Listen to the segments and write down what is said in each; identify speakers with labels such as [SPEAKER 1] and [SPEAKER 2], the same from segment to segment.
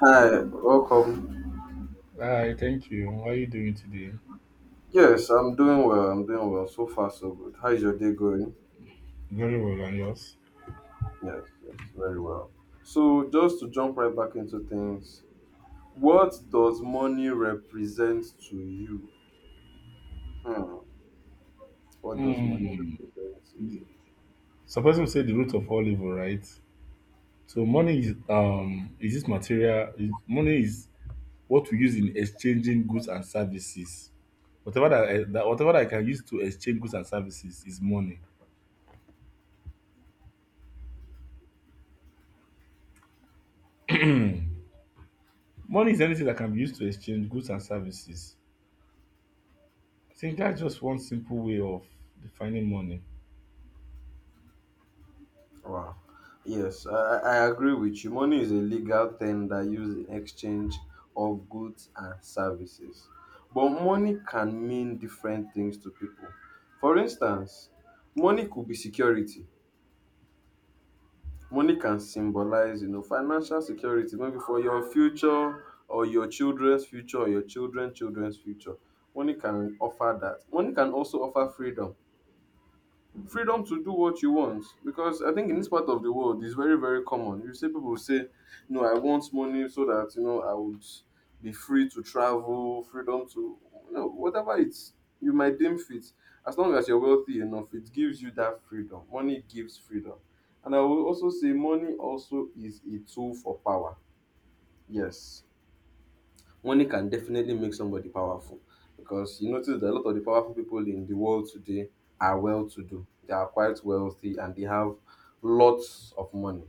[SPEAKER 1] Hi, welcome.
[SPEAKER 2] Hi, thank you. How are you doing today?
[SPEAKER 1] Yes, I'm doing well. I'm doing well. So far, so good. How is your day going?
[SPEAKER 2] Very well, and yours?
[SPEAKER 1] Yes, yes, very well. So, just to jump right back into things, what does money represent to you? Hmm. What does money
[SPEAKER 2] Hmm.
[SPEAKER 1] represent to you?
[SPEAKER 2] Suppose we say the root of all evil, right? So money is this material? Money is what we use in exchanging goods and services. Whatever that I can use to exchange goods and services is money. Money is anything that can be used to exchange goods and services. I think that's just one simple way of defining money.
[SPEAKER 1] Wow. Yes, I agree with you. Money is a legal term that uses in exchange of goods and services. But money can mean different things to people. For instance, money could be security. Money can symbolize, you know, financial security maybe for your future or your children's future or your children's future. Money can offer that. Money can also offer freedom to do what you want, because I think in this part of the world it's very, very common. You see people say, "No, I want money so that, you know, I would be free to travel, freedom to, you know, whatever it's you might deem fit. As long as you're wealthy enough, it gives you that freedom. Money gives freedom, and I will also say money also is a tool for power. Yes, money can definitely make somebody powerful, because you notice that a lot of the powerful people in the world today are well to do. They are quite wealthy and they have lots of money,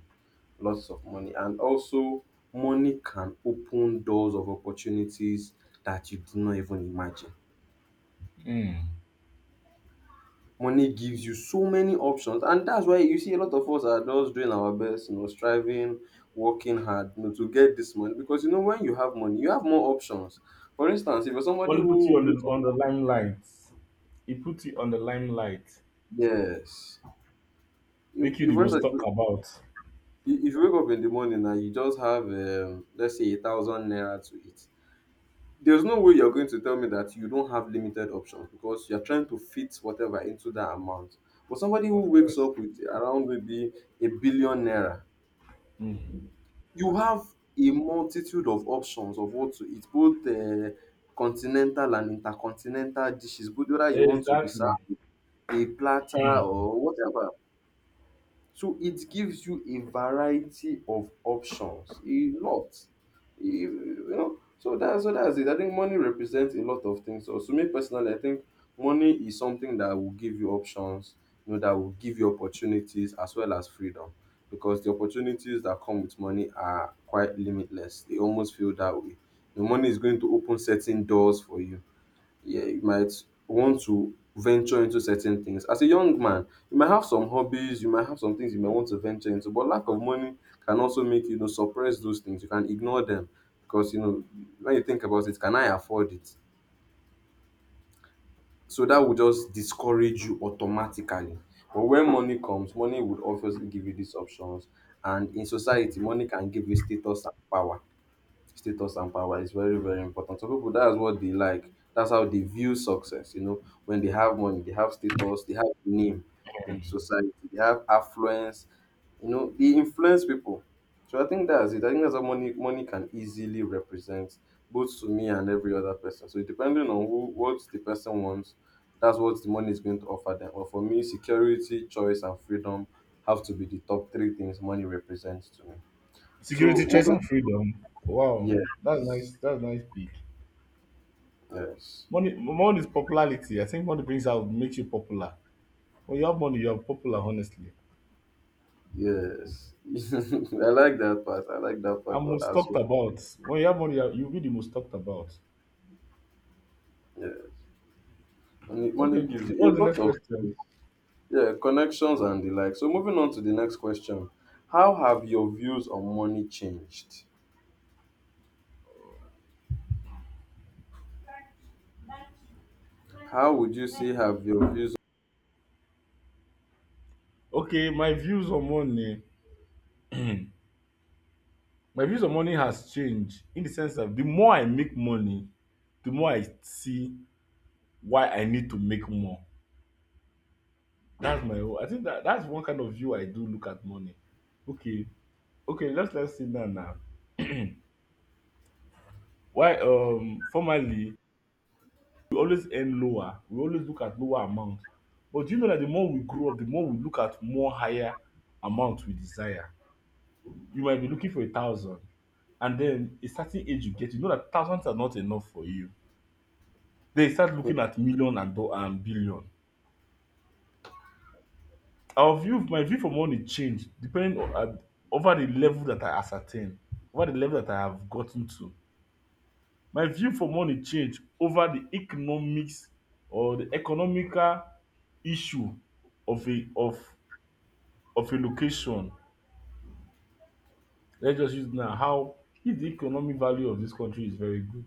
[SPEAKER 1] lots of money. And also, money can open doors of opportunities that you did not even imagine.
[SPEAKER 2] Hmm.
[SPEAKER 1] Money gives you so many options, and that's why you see a lot of us are just doing our best, you know, striving, working hard, you know, to get this money. Because, you know, when you have money, you have more options. For instance, if you're somebody
[SPEAKER 2] Money put you
[SPEAKER 1] who...
[SPEAKER 2] on the limelight. It put you on the limelight,
[SPEAKER 1] Yes. If,
[SPEAKER 2] make you
[SPEAKER 1] if,
[SPEAKER 2] the
[SPEAKER 1] for
[SPEAKER 2] most talked
[SPEAKER 1] instance,
[SPEAKER 2] about.
[SPEAKER 1] if you wake up in the morning and you just have, let's say, 1,000 naira to it, there's no way you're going to tell me that you don't have limited options, because you're trying to fit whatever into that amount. But somebody who
[SPEAKER 2] Of
[SPEAKER 1] wakes
[SPEAKER 2] course.
[SPEAKER 1] up with around maybe 1 billion naira,
[SPEAKER 2] Mm.
[SPEAKER 1] you have a multitude of options of what to eat, both continental and intercontinental dishes, both whether you want to be served
[SPEAKER 2] Exactly.
[SPEAKER 1] with a platter or whatever. So it gives you a variety of options, a lot. You know, so that's, so that's it. I think money represents a lot of things. So to me personally, I think money is something that will give you options, you know, that will give you opportunities as well as freedom. Because the opportunities that come with money are quite limitless. They almost feel that way. The money is going to open certain doors for you, yeah, you might want to venture into certain things. As a young man, you might have some hobbies, you might have some things you might want to venture into, but lack of money can also make you, you know, suppress those things. You can ignore them because, you know, when you think about it, can I afford it? So that will just discourage you automatically. But when money comes, money would obviously give you these options. And in society, money can give you status and power. Status and power is very, very important. So people, that's what they like. That's how they view success. You know, when they have money, they have status, they have name in the society, they have affluence. You know, they influence people. So I think that's it. I think that's how money can easily represent both to me and every other person. So depending on who, what the person wants, that's what the money is going to offer them. Or for me, security, choice, and freedom have to be the top three things money represents to me.
[SPEAKER 2] Security,
[SPEAKER 1] So
[SPEAKER 2] choice, and freedom. Wow, that's
[SPEAKER 1] yes
[SPEAKER 2] nice. That's nice pick.
[SPEAKER 1] yes.
[SPEAKER 2] Money is popularity. I think money brings out makes you popular. When you have money, you are popular. Honestly,
[SPEAKER 1] Yes. I like that part. I like that part
[SPEAKER 2] I'm
[SPEAKER 1] of
[SPEAKER 2] most
[SPEAKER 1] as
[SPEAKER 2] talked
[SPEAKER 1] well.
[SPEAKER 2] about. When you have money, you'll be the most talked about.
[SPEAKER 1] Yes. Money
[SPEAKER 2] Okay,
[SPEAKER 1] gives you a
[SPEAKER 2] what's the
[SPEAKER 1] lot
[SPEAKER 2] next
[SPEAKER 1] of things.
[SPEAKER 2] question?
[SPEAKER 1] Yeah, connections and the like. So moving on to the next question. How have your views on money changed? How would you say have your views...
[SPEAKER 2] Okay, my views on money. My views on money has changed in the sense that the more I make money, the more I see why I need to make more. That's my own. I think that that's one kind of view I do look at money. Okay, okay, let's sit down now. Why, formerly, we always earn lower, we always look at lower amounts. But do you know that the more we grow up, the more we look at more higher amount we desire. You might be looking for 1,000, and then a certain age you get, you know that thousands are not enough for you. Then you start looking at million and billion. My view for money changed depending on over the level that I ascertain, over the level that I have gotten to. My view for money change over the economics or the economical issue of a of a location. Let's just use now how if the economic value of dis country is very good,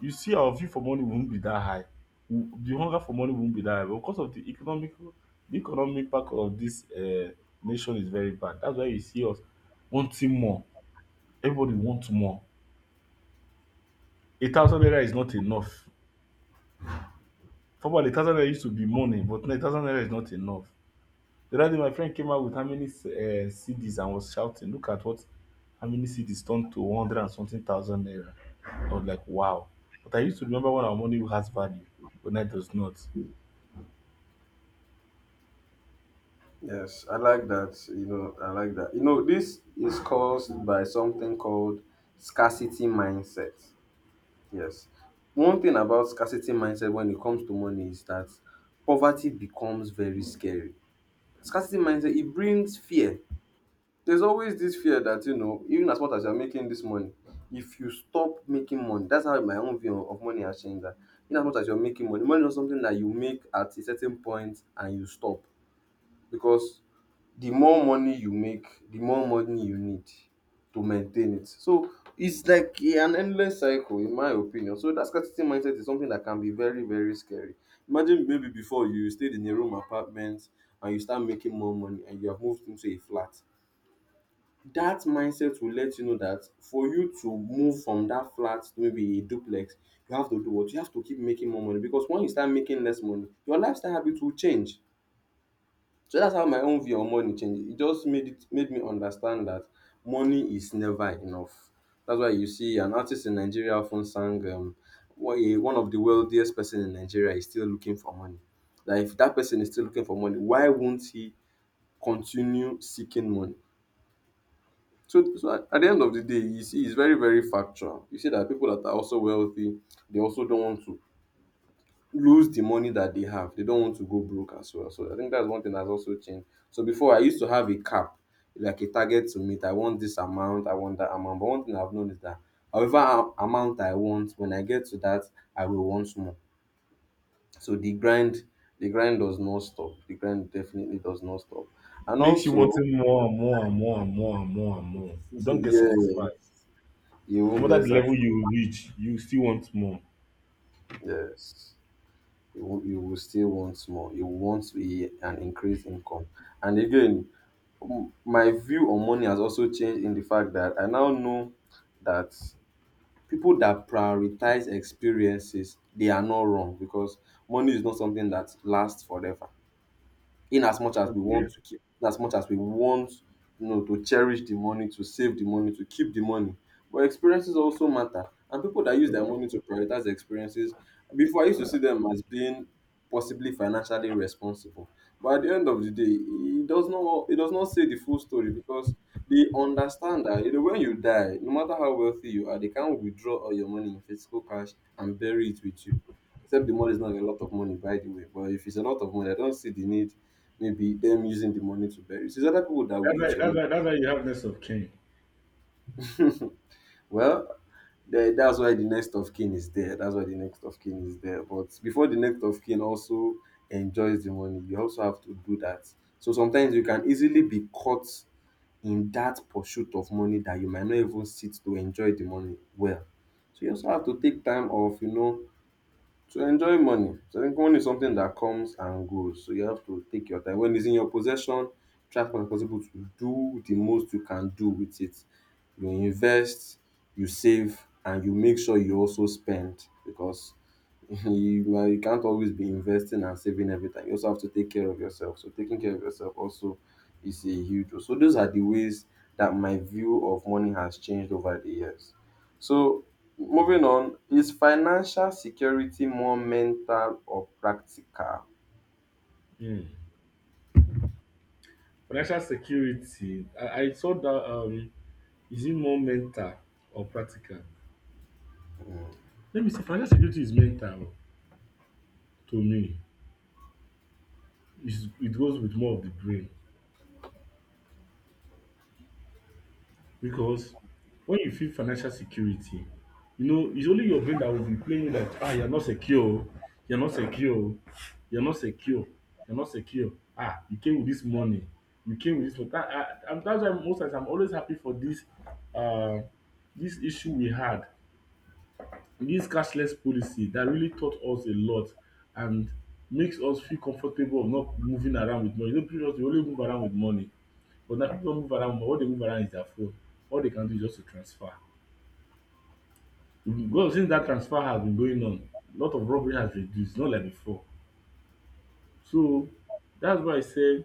[SPEAKER 2] you see our view for money won't be dat high. The hunger for money won't be dat high, but because of the economic back of dis nation is very bad. Dats why you see us wanting more, everybody want more. 1,000 naira is not enough. Formerly, 1,000 naira used to be money, but now 1,000 naira is not enough. The other day, my friend came out with how many CDs and was shouting, "Look at what how many CDs turned to one hundred and something thousand naira." I was like, "Wow!" But I used to remember when our money has value, but now it does not.
[SPEAKER 1] Yes, I like that. You know, I like that. You know, this is caused by something called scarcity mindset. Yes. One thing about scarcity mindset when it comes to money is that poverty becomes very scary. Scarcity mindset, it brings fear. There's always this fear that, you know, even as much as you're making this money, if you stop making money, that's how my own view of money has changed. That in as much as you're making money, money is not something that you make at a certain point and you stop, because the more money you make, the more money you need to maintain it. So it's like an endless cycle, in my opinion. So that scarcity mindset is something that can be very, very scary. Imagine maybe before you stayed in a room apartment and you start making more money and you have moved into a flat. That mindset will let you know that for you to move from that flat to maybe a duplex, you have to do what? You have to keep making more money, because when you start making less money, your lifestyle habits will change. So that's how my own view on money changed. It just made it, made me understand that money is never enough. That's why you see an artist in Nigeria often sang, one of the wealthiest person in Nigeria is still looking for money. Like if that person is still looking for money, why won't he continue seeking money? So at the end of the day, you see, it's very, very factual. You see that people that are also wealthy, they also don't want to lose the money that they have. They don't want to go broke as well. So I think that's one thing that's also changed. So before I used to have a cap, like a target to meet. I want this amount, I want that amount. But one thing I've known is that however amount I want, when I get to that, I will want more. So the grind does not stop. The grind definitely does not stop.
[SPEAKER 2] It
[SPEAKER 1] And
[SPEAKER 2] makes you
[SPEAKER 1] also,
[SPEAKER 2] wanting more and more and more and more and more and more. You don't get
[SPEAKER 1] yes,
[SPEAKER 2] satisfied.
[SPEAKER 1] you
[SPEAKER 2] No
[SPEAKER 1] won't
[SPEAKER 2] matter
[SPEAKER 1] get
[SPEAKER 2] the
[SPEAKER 1] that.
[SPEAKER 2] level you reach, you still want more.
[SPEAKER 1] Yes, you will still want more. You want to be an increased income. And again, my view on money has also changed in the fact that I now know that people that prioritize experiences, they are not wrong, because money is not something that lasts forever. In as much as we
[SPEAKER 2] Okay,
[SPEAKER 1] want to keep, in as much as we want, you know, to cherish the money, to save the money, to keep the money, but experiences also matter. And people that use their money to prioritize experiences, before I used to see them as being possibly financially responsible. But at the end of the day, it does not say the full story. Because they understand that, you know, when you die, no matter how wealthy you are, they can't withdraw all your money in physical cash and bury it with you. Except the money is not a lot of money, by the way. But if it's a lot of money, I don't see the need maybe them using the money to bury. So it's other people that will
[SPEAKER 2] that's why
[SPEAKER 1] eat your
[SPEAKER 2] that's
[SPEAKER 1] money.
[SPEAKER 2] why that's why you have less of kin.
[SPEAKER 1] Well, that's why the next of kin is there. That's why the next of kin is there. But before the next of kin also enjoys the money, you also have to do that. So sometimes you can easily be caught in that pursuit of money that you might not even sit to enjoy the money well. So you also have to take time off, you know, to enjoy money. So I think money is something that comes and goes. So you have to take your time. When it's in your possession, try as much as possible to do the most you can do with it. You invest, you save, and you make sure you also spend, because you can't always be investing and saving every time. You also have to take care of yourself. So taking care of yourself also is a huge role. So those are the ways that my view of money has changed over the years. So, moving on, is financial security more mental or practical?
[SPEAKER 2] Mm. Financial security. I saw that. Is it more mental or practical? Let me see, financial security is mental to me. It goes with more of the brain, because when you feel financial security, you know it's only your brain that will be playing you, like, ah, you're not secure oh, you're not secure oh, you're not secure, you're not secure. Ah, you came with this money, you came with this money. That ah And that's why most times I'm always happy for um this issue we had. This cashless policy that really taught us a lot and makes us feel comfortable of not moving around with money. You know, previously we only move around with money, but now people don't move around. All they move around is their phone. All they can do is just to transfer. Because since that transfer has been going on, a lot of robbery has reduced, not like before. So that's why I say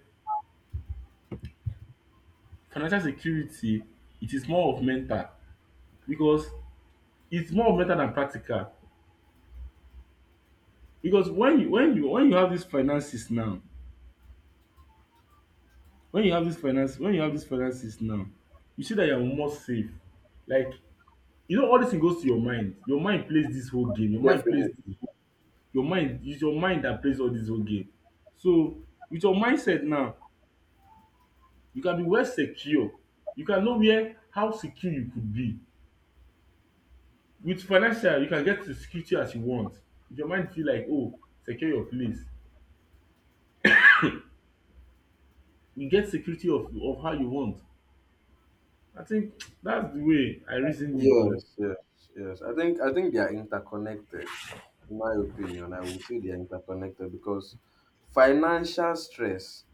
[SPEAKER 2] financial security, it is more of mental, because it's more of mental than practical. Because when you have these finances now, when you have this finances now, you see that you are more safe. Like, you know, all this thing goes to your mind. Your mind plays this whole game.
[SPEAKER 1] Definitely.
[SPEAKER 2] Your mind, it's your mind that plays all this whole game. So with your mindset now, you can be well secure, you can know where, how secure you could be. With financial, you can get the security as you want. If your mind feel like, oh, secure your place, you get security of how you want. I think that's the way I reasoned it o.
[SPEAKER 1] Yes, yes, yes. I think they are interconnected. In my opinion, I would say they are interconnected because financial stress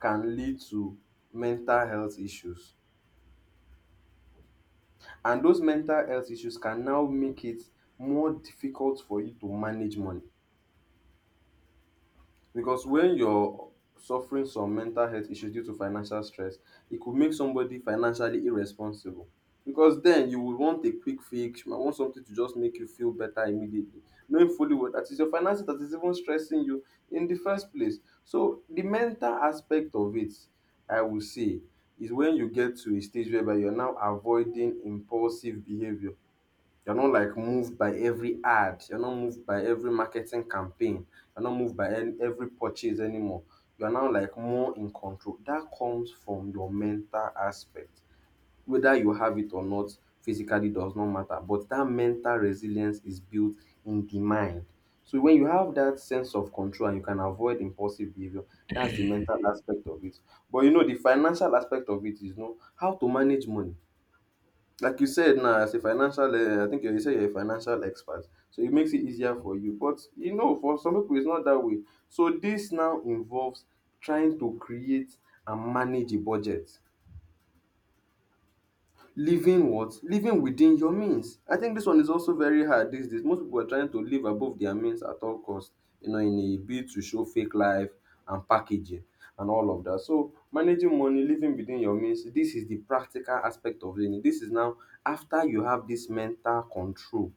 [SPEAKER 1] can lead to mental health issues. And those mental health issues can now make it more difficult for you to manage money. Because when you're suffering some mental health issues due to financial stress, it could make somebody financially irresponsible. Because then you would want a quick fix, you might want something to just make you feel better immediately, knowing fully well that is your finances that is even stressing you in the first place. So the mental aspect of it, I would say, is when you get to a stage whereby you're now avoiding impulsive behavior. You're not like moved by every ad. You're not moved by every marketing campaign. You're not moved by every purchase anymore. You're now like more in control. That comes from your mental aspect. Whether you have it or not, physically does not matter. But that mental resilience is built in the mind. So when you have that sense of control and you can avoid impulsive behavior, that's the mental aspect of it. But you know, the financial aspect of it is you know how to manage money. Like you said now, as a financial I think you said you're a financial expert, so it makes it easier for you. But you know, for some pipu it's not that way. So dis now involves trying to create and manage a budget. Living what? Living within your means. I think this one is also very hard these days. Most people are trying to live above their means at all cost, you know, in a bid to show fake life and packaging and all of that. So managing money, living within your means, this is the practical aspect of living. This is now after you have this mental control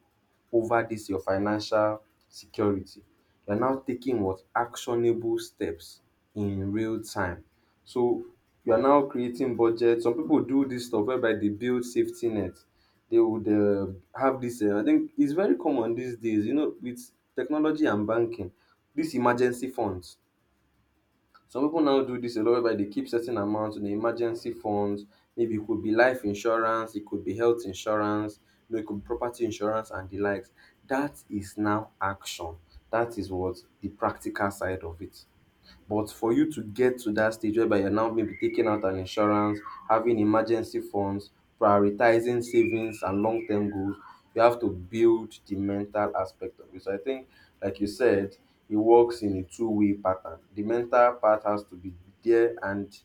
[SPEAKER 1] over this your financial security. You're now taking what actionable steps in real time. So you are now creating budget. Some people do this stuff whereby they build safety net. They would have this. I think it's very common these days. You know, with technology and banking, this emergency funds. Some pipu now do dis a lot whereby dey keep certain amount in the emergency funds. Maybe e could be life insurance, e could be health insurance, you know, e could be property insurance and the likes. Dat is now action. Dat is what? The practical side of it. But for you to get to that stage whereby you're now maybe taking out an insurance, having emergency funds, prioritizing savings and long term goals, you have to build the mental aspect of it. So I think, like you said, it works in a two-way pattern. The mental part has to be there, and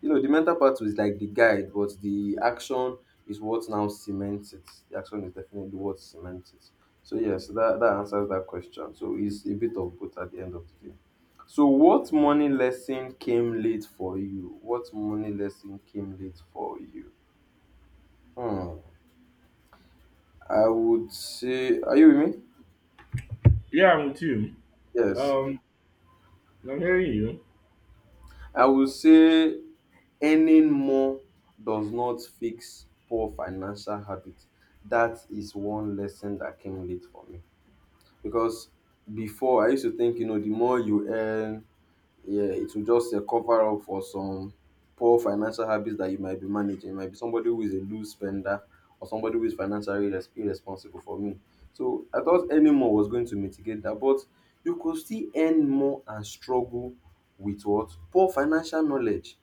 [SPEAKER 1] you know, the mental part was like the guide, but the action is what now cements it. The action is definitely what cements it. So yes, that answers that question. So it's a bit of both at the end of the day. So what money lesson came late for you? What money lesson came late for you? Hmm. I would say, are you with me?
[SPEAKER 2] Yeah, I'm with you.
[SPEAKER 1] Yes.
[SPEAKER 2] um I'm hearing you.
[SPEAKER 1] I would say earning more does not fix poor financial habits. That is one lesson that came late for me because before I used to think, you know, the more you earn, yeah, it will just cover up for some poor financial habits that you might be managing. It might be somebody who is a loose spender or somebody who is financially irresponsible for me. So I thought earning more was going to mitigate that, but you could still earn more and struggle with what? Poor financial knowledge.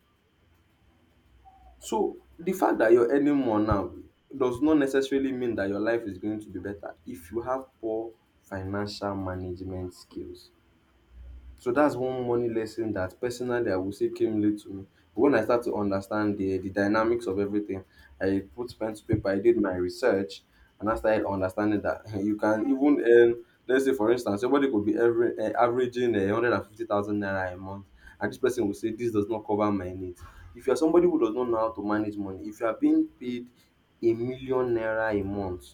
[SPEAKER 1] So the fact that you're earning more now does not necessarily mean that your life is going to be better if you have poor financial management skills. So that's one money lesson that personally I would say came late to me. But when I start to understand the dynamics of everything, I put pen to paper, I did my research, and I started understanding that you can even earn, let's say for instance, somebody could be averaging 150,000 naira a month, and this person will say, this does not cover my needs. If you're somebody who does not know how to manage money, if you are being paid a million naira a month,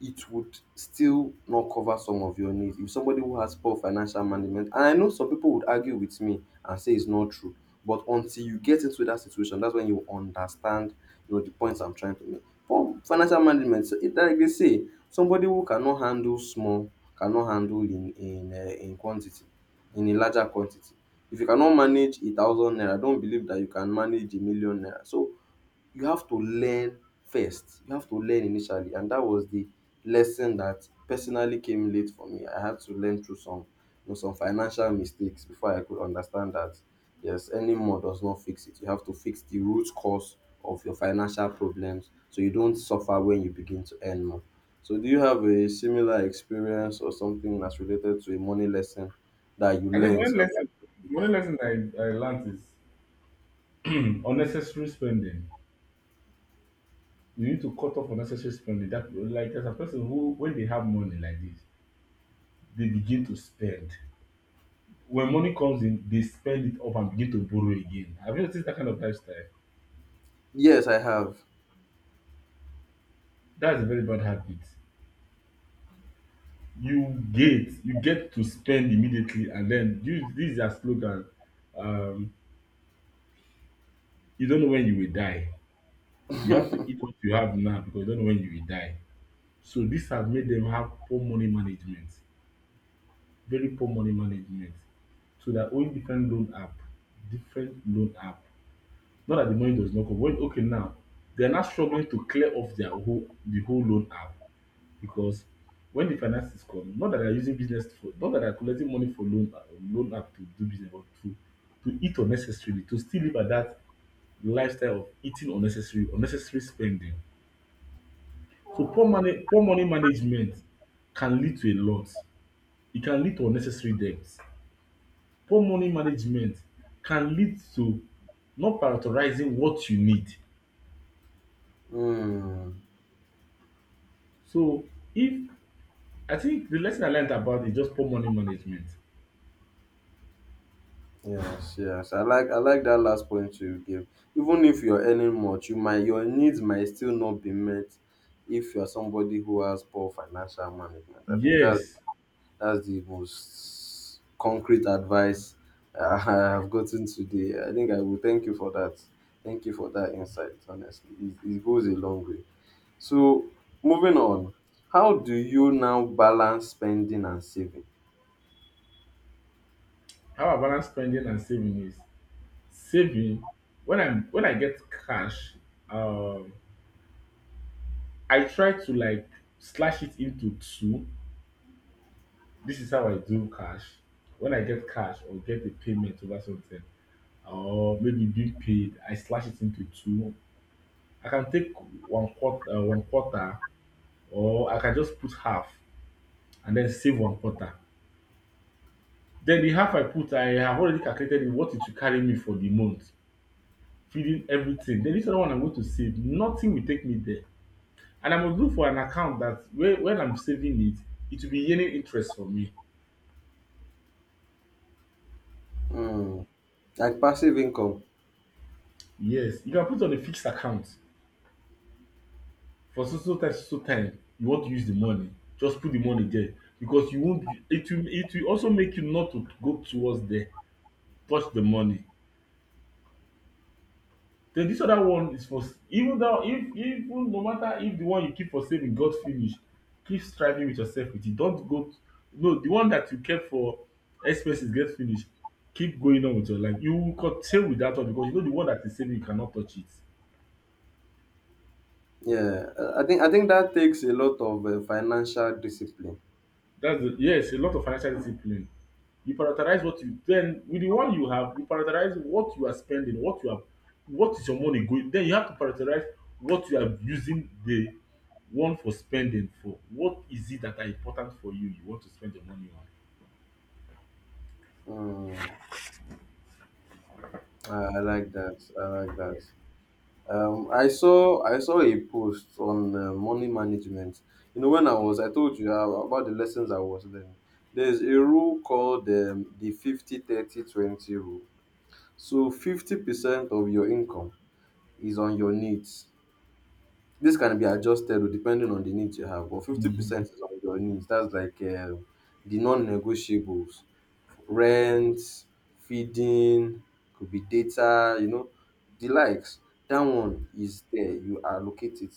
[SPEAKER 1] it would still not cover some of your needs if somebody who has poor financial management. And I know some people would argue with me and say it's not true, but until you get into that situation, that's when you understand, you know, the points I'm trying to make. Poor financial management. So it like they say, somebody who cannot handle small cannot handle in quantity in a larger quantity. If you cannot manage a thousand naira, don't believe that you can manage a million naira. So you have to learn first. You have to learn initially, and that was the lesson that personally came late for me. I had to learn through some, you know, some financial mistakes before I could understand that yes, any more does not fix it. You have to fix the root cause of your financial problems so you don't suffer when you begin to earn more. So, do you have a similar experience or something that's related to a money lesson that you
[SPEAKER 2] I think
[SPEAKER 1] learned?
[SPEAKER 2] one lesson I learned is unnecessary spending. You need to cut off unnecessary spending. That, like, there's a person who, when they have money like this, they begin to spend. When money comes in, they spend it up and begin to borrow again. Have you noticed that kind of lifestyle?
[SPEAKER 1] Yes, I have.
[SPEAKER 2] That's a very bad habit. You get to spend immediately, and then, you, this is their slogan. Um, you don't know when you will die. You have to eat what you have now because you don't know when you will die. So this has made them have poor money management, very poor money management. So that owing different loan app, different loan app. Not that the money does not come. When, okay, now, they are now struggling to clear off the whole loan app, because when the finances come, not that they are using business for, not that they are collecting money for loan app to do business, but to eat unnecessarily, to still live at that lifestyle of eating unnecessary, unnecessary spending. So poor money management can lead to a lot. It can lead to unnecessary debts. Poor money management can lead to not prioritizing what you need.
[SPEAKER 1] Hmm.
[SPEAKER 2] So, if I think the lesson I learned about is just poor money management.
[SPEAKER 1] Yes, yes. I like that last point you give. Even if you're earning much, your needs might still not be met if you're somebody who has poor financial management. I think that
[SPEAKER 2] Yes,
[SPEAKER 1] that's the most concrete advice I have gotten today. I think I will thank you for that. Thank you for that insight. Honestly, it goes a long way. So moving on, how do you now balance spending and saving?
[SPEAKER 2] how I balance spending and saving is saving. When I get cash, um I try to, like, slash it into two. This is how I do cash. When I get cash or get a payment over something, or maybe being paid, I slash it into two. I can take one quarter, or I can just put half and then save one quarter. Then the half I put, I have already calculated what it will carry me for the month, feeding everything. Then this other one I'm going to save, nothing will take me there. And I must look for an account that, where, when I'm saving it, it will be earning interest for me.
[SPEAKER 1] Hmm. Like passive income.
[SPEAKER 2] Yes, you can put on a fixed account for so so time, so so time. You want to use the money, just put the money there, because you won't. It will also make you not to go towards there, touch the money. Then dis other one is for even dat one. If, even no matter if de one you keep for saving got finish, keep striving with yourself with it. Don't go. No, de one dat you kept for expenses get finish, keep going on with your life, you will continue with dat one, because you know de one dat is saving you cannot touch it.
[SPEAKER 1] Yeah, I think that takes a lot of financial discipline.
[SPEAKER 2] That's the, yes, a lot of financial discipline. You prioritize what you, then with the one you have, you prioritize what you are spending, what you have, what is your money going. Then you have to prioritize what you are using the one for spending for. What is it that are important for you? You want to spend your money on.
[SPEAKER 1] Mm, I like that. I like that. I saw a post on money management. You know, I told you about the lessons I was learning. There's a rule called the 50/30/20 rule. So 50% of your income is on your needs. This can be adjusted o, depending on the needs you have, but 50% is on your needs. That's like the non-negotiables. Rent, feeding, could be data, you know, the likes. That one is there, you allocate it.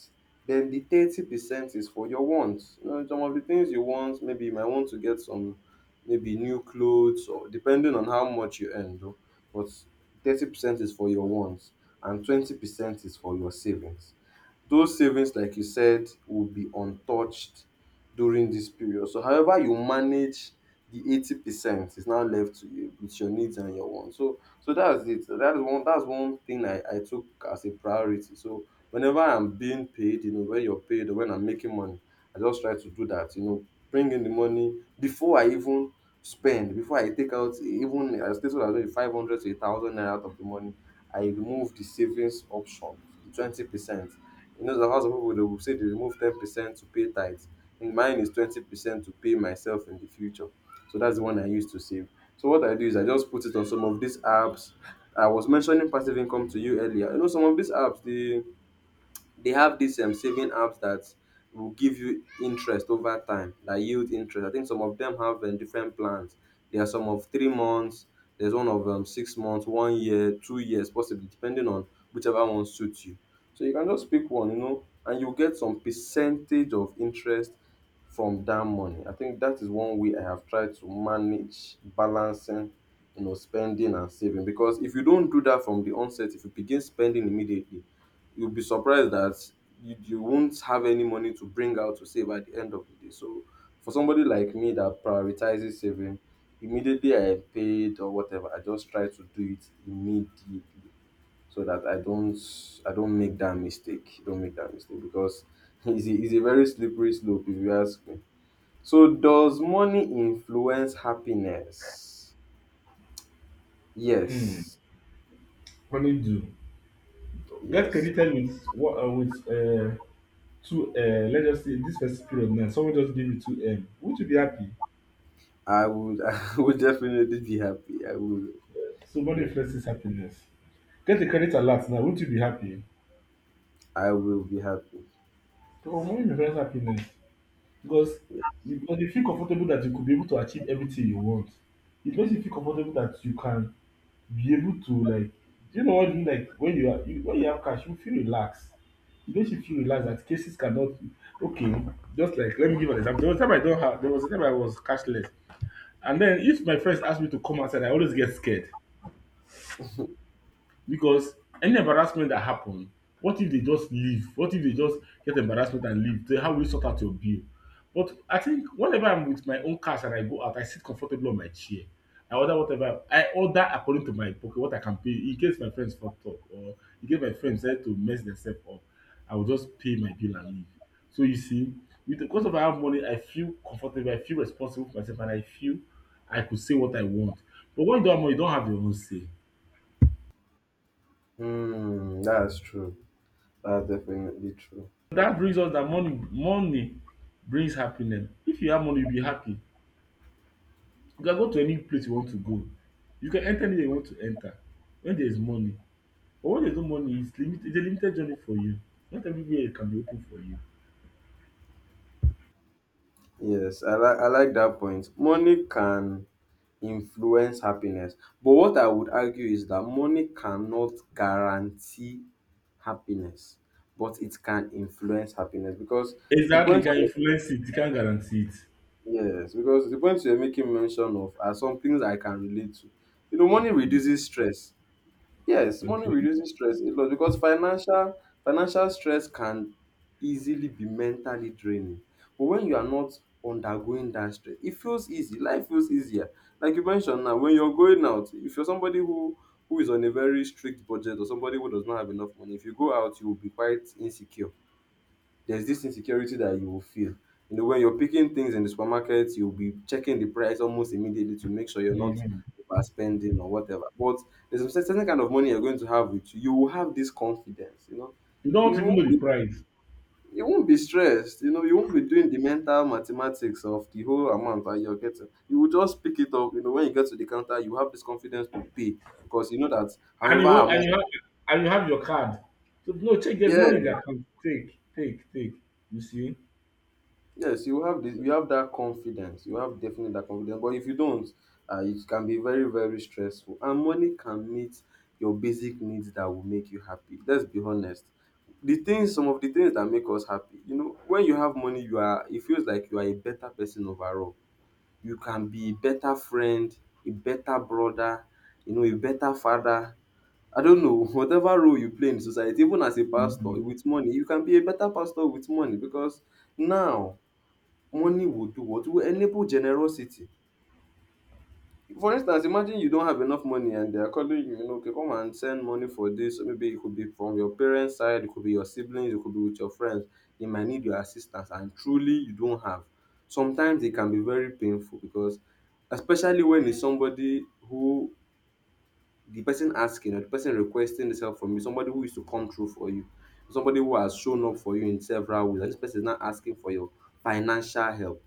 [SPEAKER 1] Then the 30% is for your wants. You know, some of the things you want, maybe you might want to get some maybe new clothes or depending on how much you earn though. But 30% is for your wants and 20% is for your savings. Those savings, like you said, will be untouched during this period. So however you manage the 80% is now left to you with your needs and your wants. So that's it. That's one thing I took as a priority. So whenever I'm being paid, you know, when you're paid or when I'm making money, I just try to do that, you know, bring in the money before I even spend, before I take out even I stated as well 500 to a thousand naira out of the money, I remove the savings option, the 20%. You know, the house of people they will say they remove 10% to pay tithes. I think mine is 20% to pay myself in the future. So that's the one I used to save. So what I do is I just put it on some of these apps. I was mentioning passive income to you earlier. You know, some of these apps, they have these saving apps that will give you interest over time that yield interest. I think some of them have different plans. There are some of 3 months. There's one of 6 months, 1 year, 2 years, possibly depending on whichever one suits you. So you can just pick one, you know, and you get some percentage of interest from that money. I think that is one way I have tried to manage balancing, you know, spending and saving. Because if you don't do that from the onset, if you begin spending immediately, you'll be surprised that you won't have any money to bring out to save at the end of the day. So for somebody like me that prioritizes saving, immediately I am paid or whatever, I just try to do it immediately so that I don't make that mistake. Don't make that mistake because it's a very slippery slope if you ask me. So does money influence happiness?
[SPEAKER 2] Hmm.
[SPEAKER 1] Yes.
[SPEAKER 2] Honeydew. Get
[SPEAKER 1] Yes.
[SPEAKER 2] credited with two. Let's just say this first period now. Someone just give you two M. Would you be happy?
[SPEAKER 1] I would I would definitely be happy. I would.
[SPEAKER 2] So money
[SPEAKER 1] Okay.
[SPEAKER 2] influences happiness. Get the credit alert now. Would you be happy?
[SPEAKER 1] I will be happy.
[SPEAKER 2] So money represents happiness, because
[SPEAKER 1] Yeah.
[SPEAKER 2] you feel comfortable that you could be able to achieve everything you want. It makes you feel comfortable that you can be able to, like, do you know what I mean, like, when you have cash, you feel relaxed. It makes you feel relaxed that cases cannot. Okay, just, like, let me give an example. There was a time I was cashless. And then if my friends ask me to come outside, I always get scared. Because any embarrassment that happen, what if they just leave? What if they just get embarrassment and leave? Then how will you sort out your bill? But I think whenever I'm with my own cash and I go out, I sit comfortable on my chair. I order whatever I order according to my pocket, what I can pay. In case my friends fucked up, or in case my friends decide to mess themselves up, I will just pay my bill and leave. So you see, with the cost of I have money, I feel comfortable, I feel responsible for myself, and I feel I could say what I want. But when you don't have money, you don't have your own say.
[SPEAKER 1] Hmm, that's true. That's definitely true.
[SPEAKER 2] That brings us that money brings happiness. If you have money, you'll be happy. You can go to any place you want to go. You can enter anywhere you want to enter when there is money. But when there's no money, it's a limited journey for you. Not everywhere can be open for you.
[SPEAKER 1] Yes, I like that point. Money can influence happiness, but what I would argue is that money cannot guarantee happiness, but it can influence happiness because the
[SPEAKER 2] Exactly, you
[SPEAKER 1] point,
[SPEAKER 2] can influence it, you can't guarantee it.
[SPEAKER 1] yes, because the points you're making mention of are some things I can relate to. You know, money reduces stress. Yes, money
[SPEAKER 2] Okay.
[SPEAKER 1] reduces stress a lot because financial stress can easily be mentally draining. But when you are not undergoing that stress, it feels easy. Life feels easier. Like you mentioned now, when you're going out, if you're somebody who is on a very strict budget or somebody who does not have enough money, if you go out, you will be quite insecure there's This insecurity that you will feel. You know, when you're picking things in the supermarket, you'll be checking the price almost immediately to make sure you're not
[SPEAKER 2] Mhm.
[SPEAKER 1] overspending or whatever. But there's a certain kind of money you're going to have with you. You will have this confidence, you know.
[SPEAKER 2] You don't
[SPEAKER 1] You
[SPEAKER 2] even
[SPEAKER 1] won't
[SPEAKER 2] know the
[SPEAKER 1] be,
[SPEAKER 2] price.
[SPEAKER 1] you won't be stressed, you know, you won't be doing the mental mathematics of the whole amount that you're getting. You will just pick it up, you know, when you get to the counter, you have this confidence to pay because you know that
[SPEAKER 2] And
[SPEAKER 1] however
[SPEAKER 2] you wa-
[SPEAKER 1] amount,
[SPEAKER 2] and you have your card. So, no, check, there's
[SPEAKER 1] yeah.
[SPEAKER 2] money in the account. Take, take, take. You see?
[SPEAKER 1] Yes, you have this. You have that confidence. You have definitely that confidence. But if you don't, it can be very very stressful. And money can meet your basic needs that will make you happy. Let's be honest. The things, some of the things that make us happy. You know, when you have money, you are. It feels like you are a better person overall. You can be a better friend, a better brother, you know, a better father. I don't know, whatever role you play in society, even as a pastor
[SPEAKER 2] Mhm.
[SPEAKER 1] with money, you can be a better pastor with money because now money will do what? Will enable generosity. For instance, imagine you don't have enough money and they are calling you, you know, okay, come and send money for this. Or maybe it could be from your parents' side, it could be your siblings, it could be with your friends. They might need your assistance and truly you don't have. Sometimes it can be very painful because especially when it's somebody who the person asking or the person requesting this help from you, somebody who used to come through for you, somebody who has shown up for you in several ways, and this person is now asking for your financial help.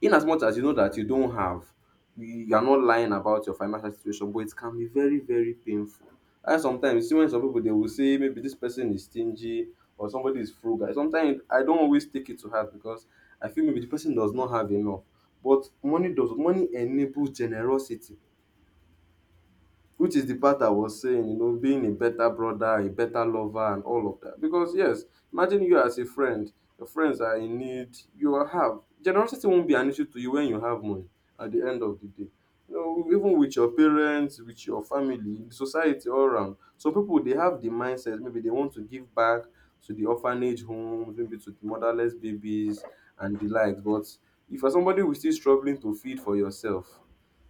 [SPEAKER 1] In as much as you know that you don't have, you are not lying about your financial situation, but it can be very very painful. And sometimes you see when some people, they will say maybe this person is stingy or somebody is frugal. Sometimes I don't always take it to heart because I feel maybe the person does not have enough. But money does, money enables generosity, which is the part I was saying, you know, being a better brother, a better lover, and all of that. Because, yes, imagine you as a friend, your friends are in need, you are- have generosity won't be an issue to you when you have money at the end of the day. You know, even with your parents, with your family, the society all around. Some people they have the mindset, maybe they want to give back to the orphanage homes, maybe to the motherless babies and the likes. But if you're somebody who's still struggling to feed for yourself,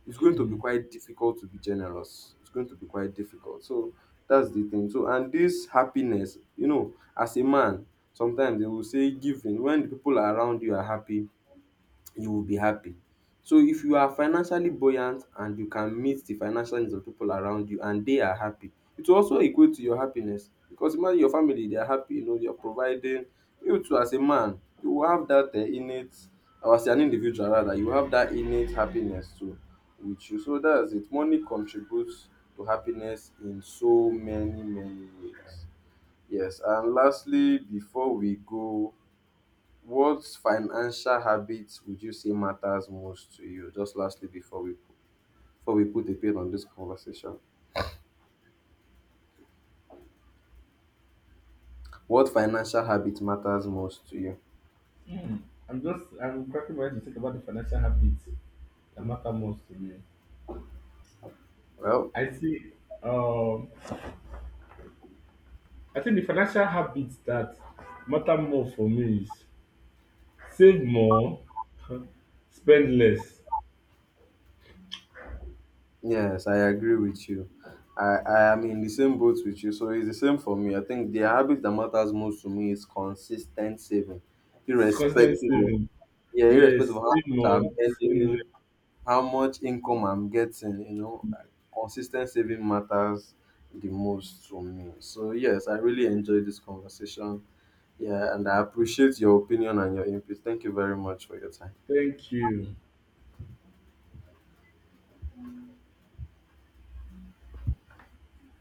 [SPEAKER 1] it's going to be quite difficult to be generous. It's going to be quite difficult. So that's the thing. So and this happiness, you know, as a man, sometimes they will say giving when the people around you are happy, you will be happy. So if you are financially buoyant and you can meet the financial needs of people around you and they are happy, it will also equate to your happiness because imagine your family they are happy, you know, you're providing. You too as a man, you will have that innate, or as an individual rather, you have that innate happiness too with you. So that's it. Money contributes to happiness in so many, many ways. Yes, and lastly, before we go, what financial habits would you say matters most to you? Just lastly, before we put a pin on this conversation, what financial habit matters most to you?
[SPEAKER 2] I'm cracking my head to think about the financial habits that matter most to me.
[SPEAKER 1] Well,
[SPEAKER 2] I see. Um, I think the financial habits that matter more for me is save more, spend less.
[SPEAKER 1] yes, I agree with you. I am in the same boat with you, so it's the same for me. I think the habit that matters most to me is consistent saving,
[SPEAKER 2] It's constant
[SPEAKER 1] irrespective of,
[SPEAKER 2] saving.
[SPEAKER 1] yeah, irrespective
[SPEAKER 2] Yes,
[SPEAKER 1] of
[SPEAKER 2] save more, spend less.
[SPEAKER 1] how much income I'm getting, you know, like consis saving matters the most to me. So yes, I really enjoyed this conversation. Yeah, and I appreciate your opinion and your input. Thank you very much for your time.
[SPEAKER 2] Thank you.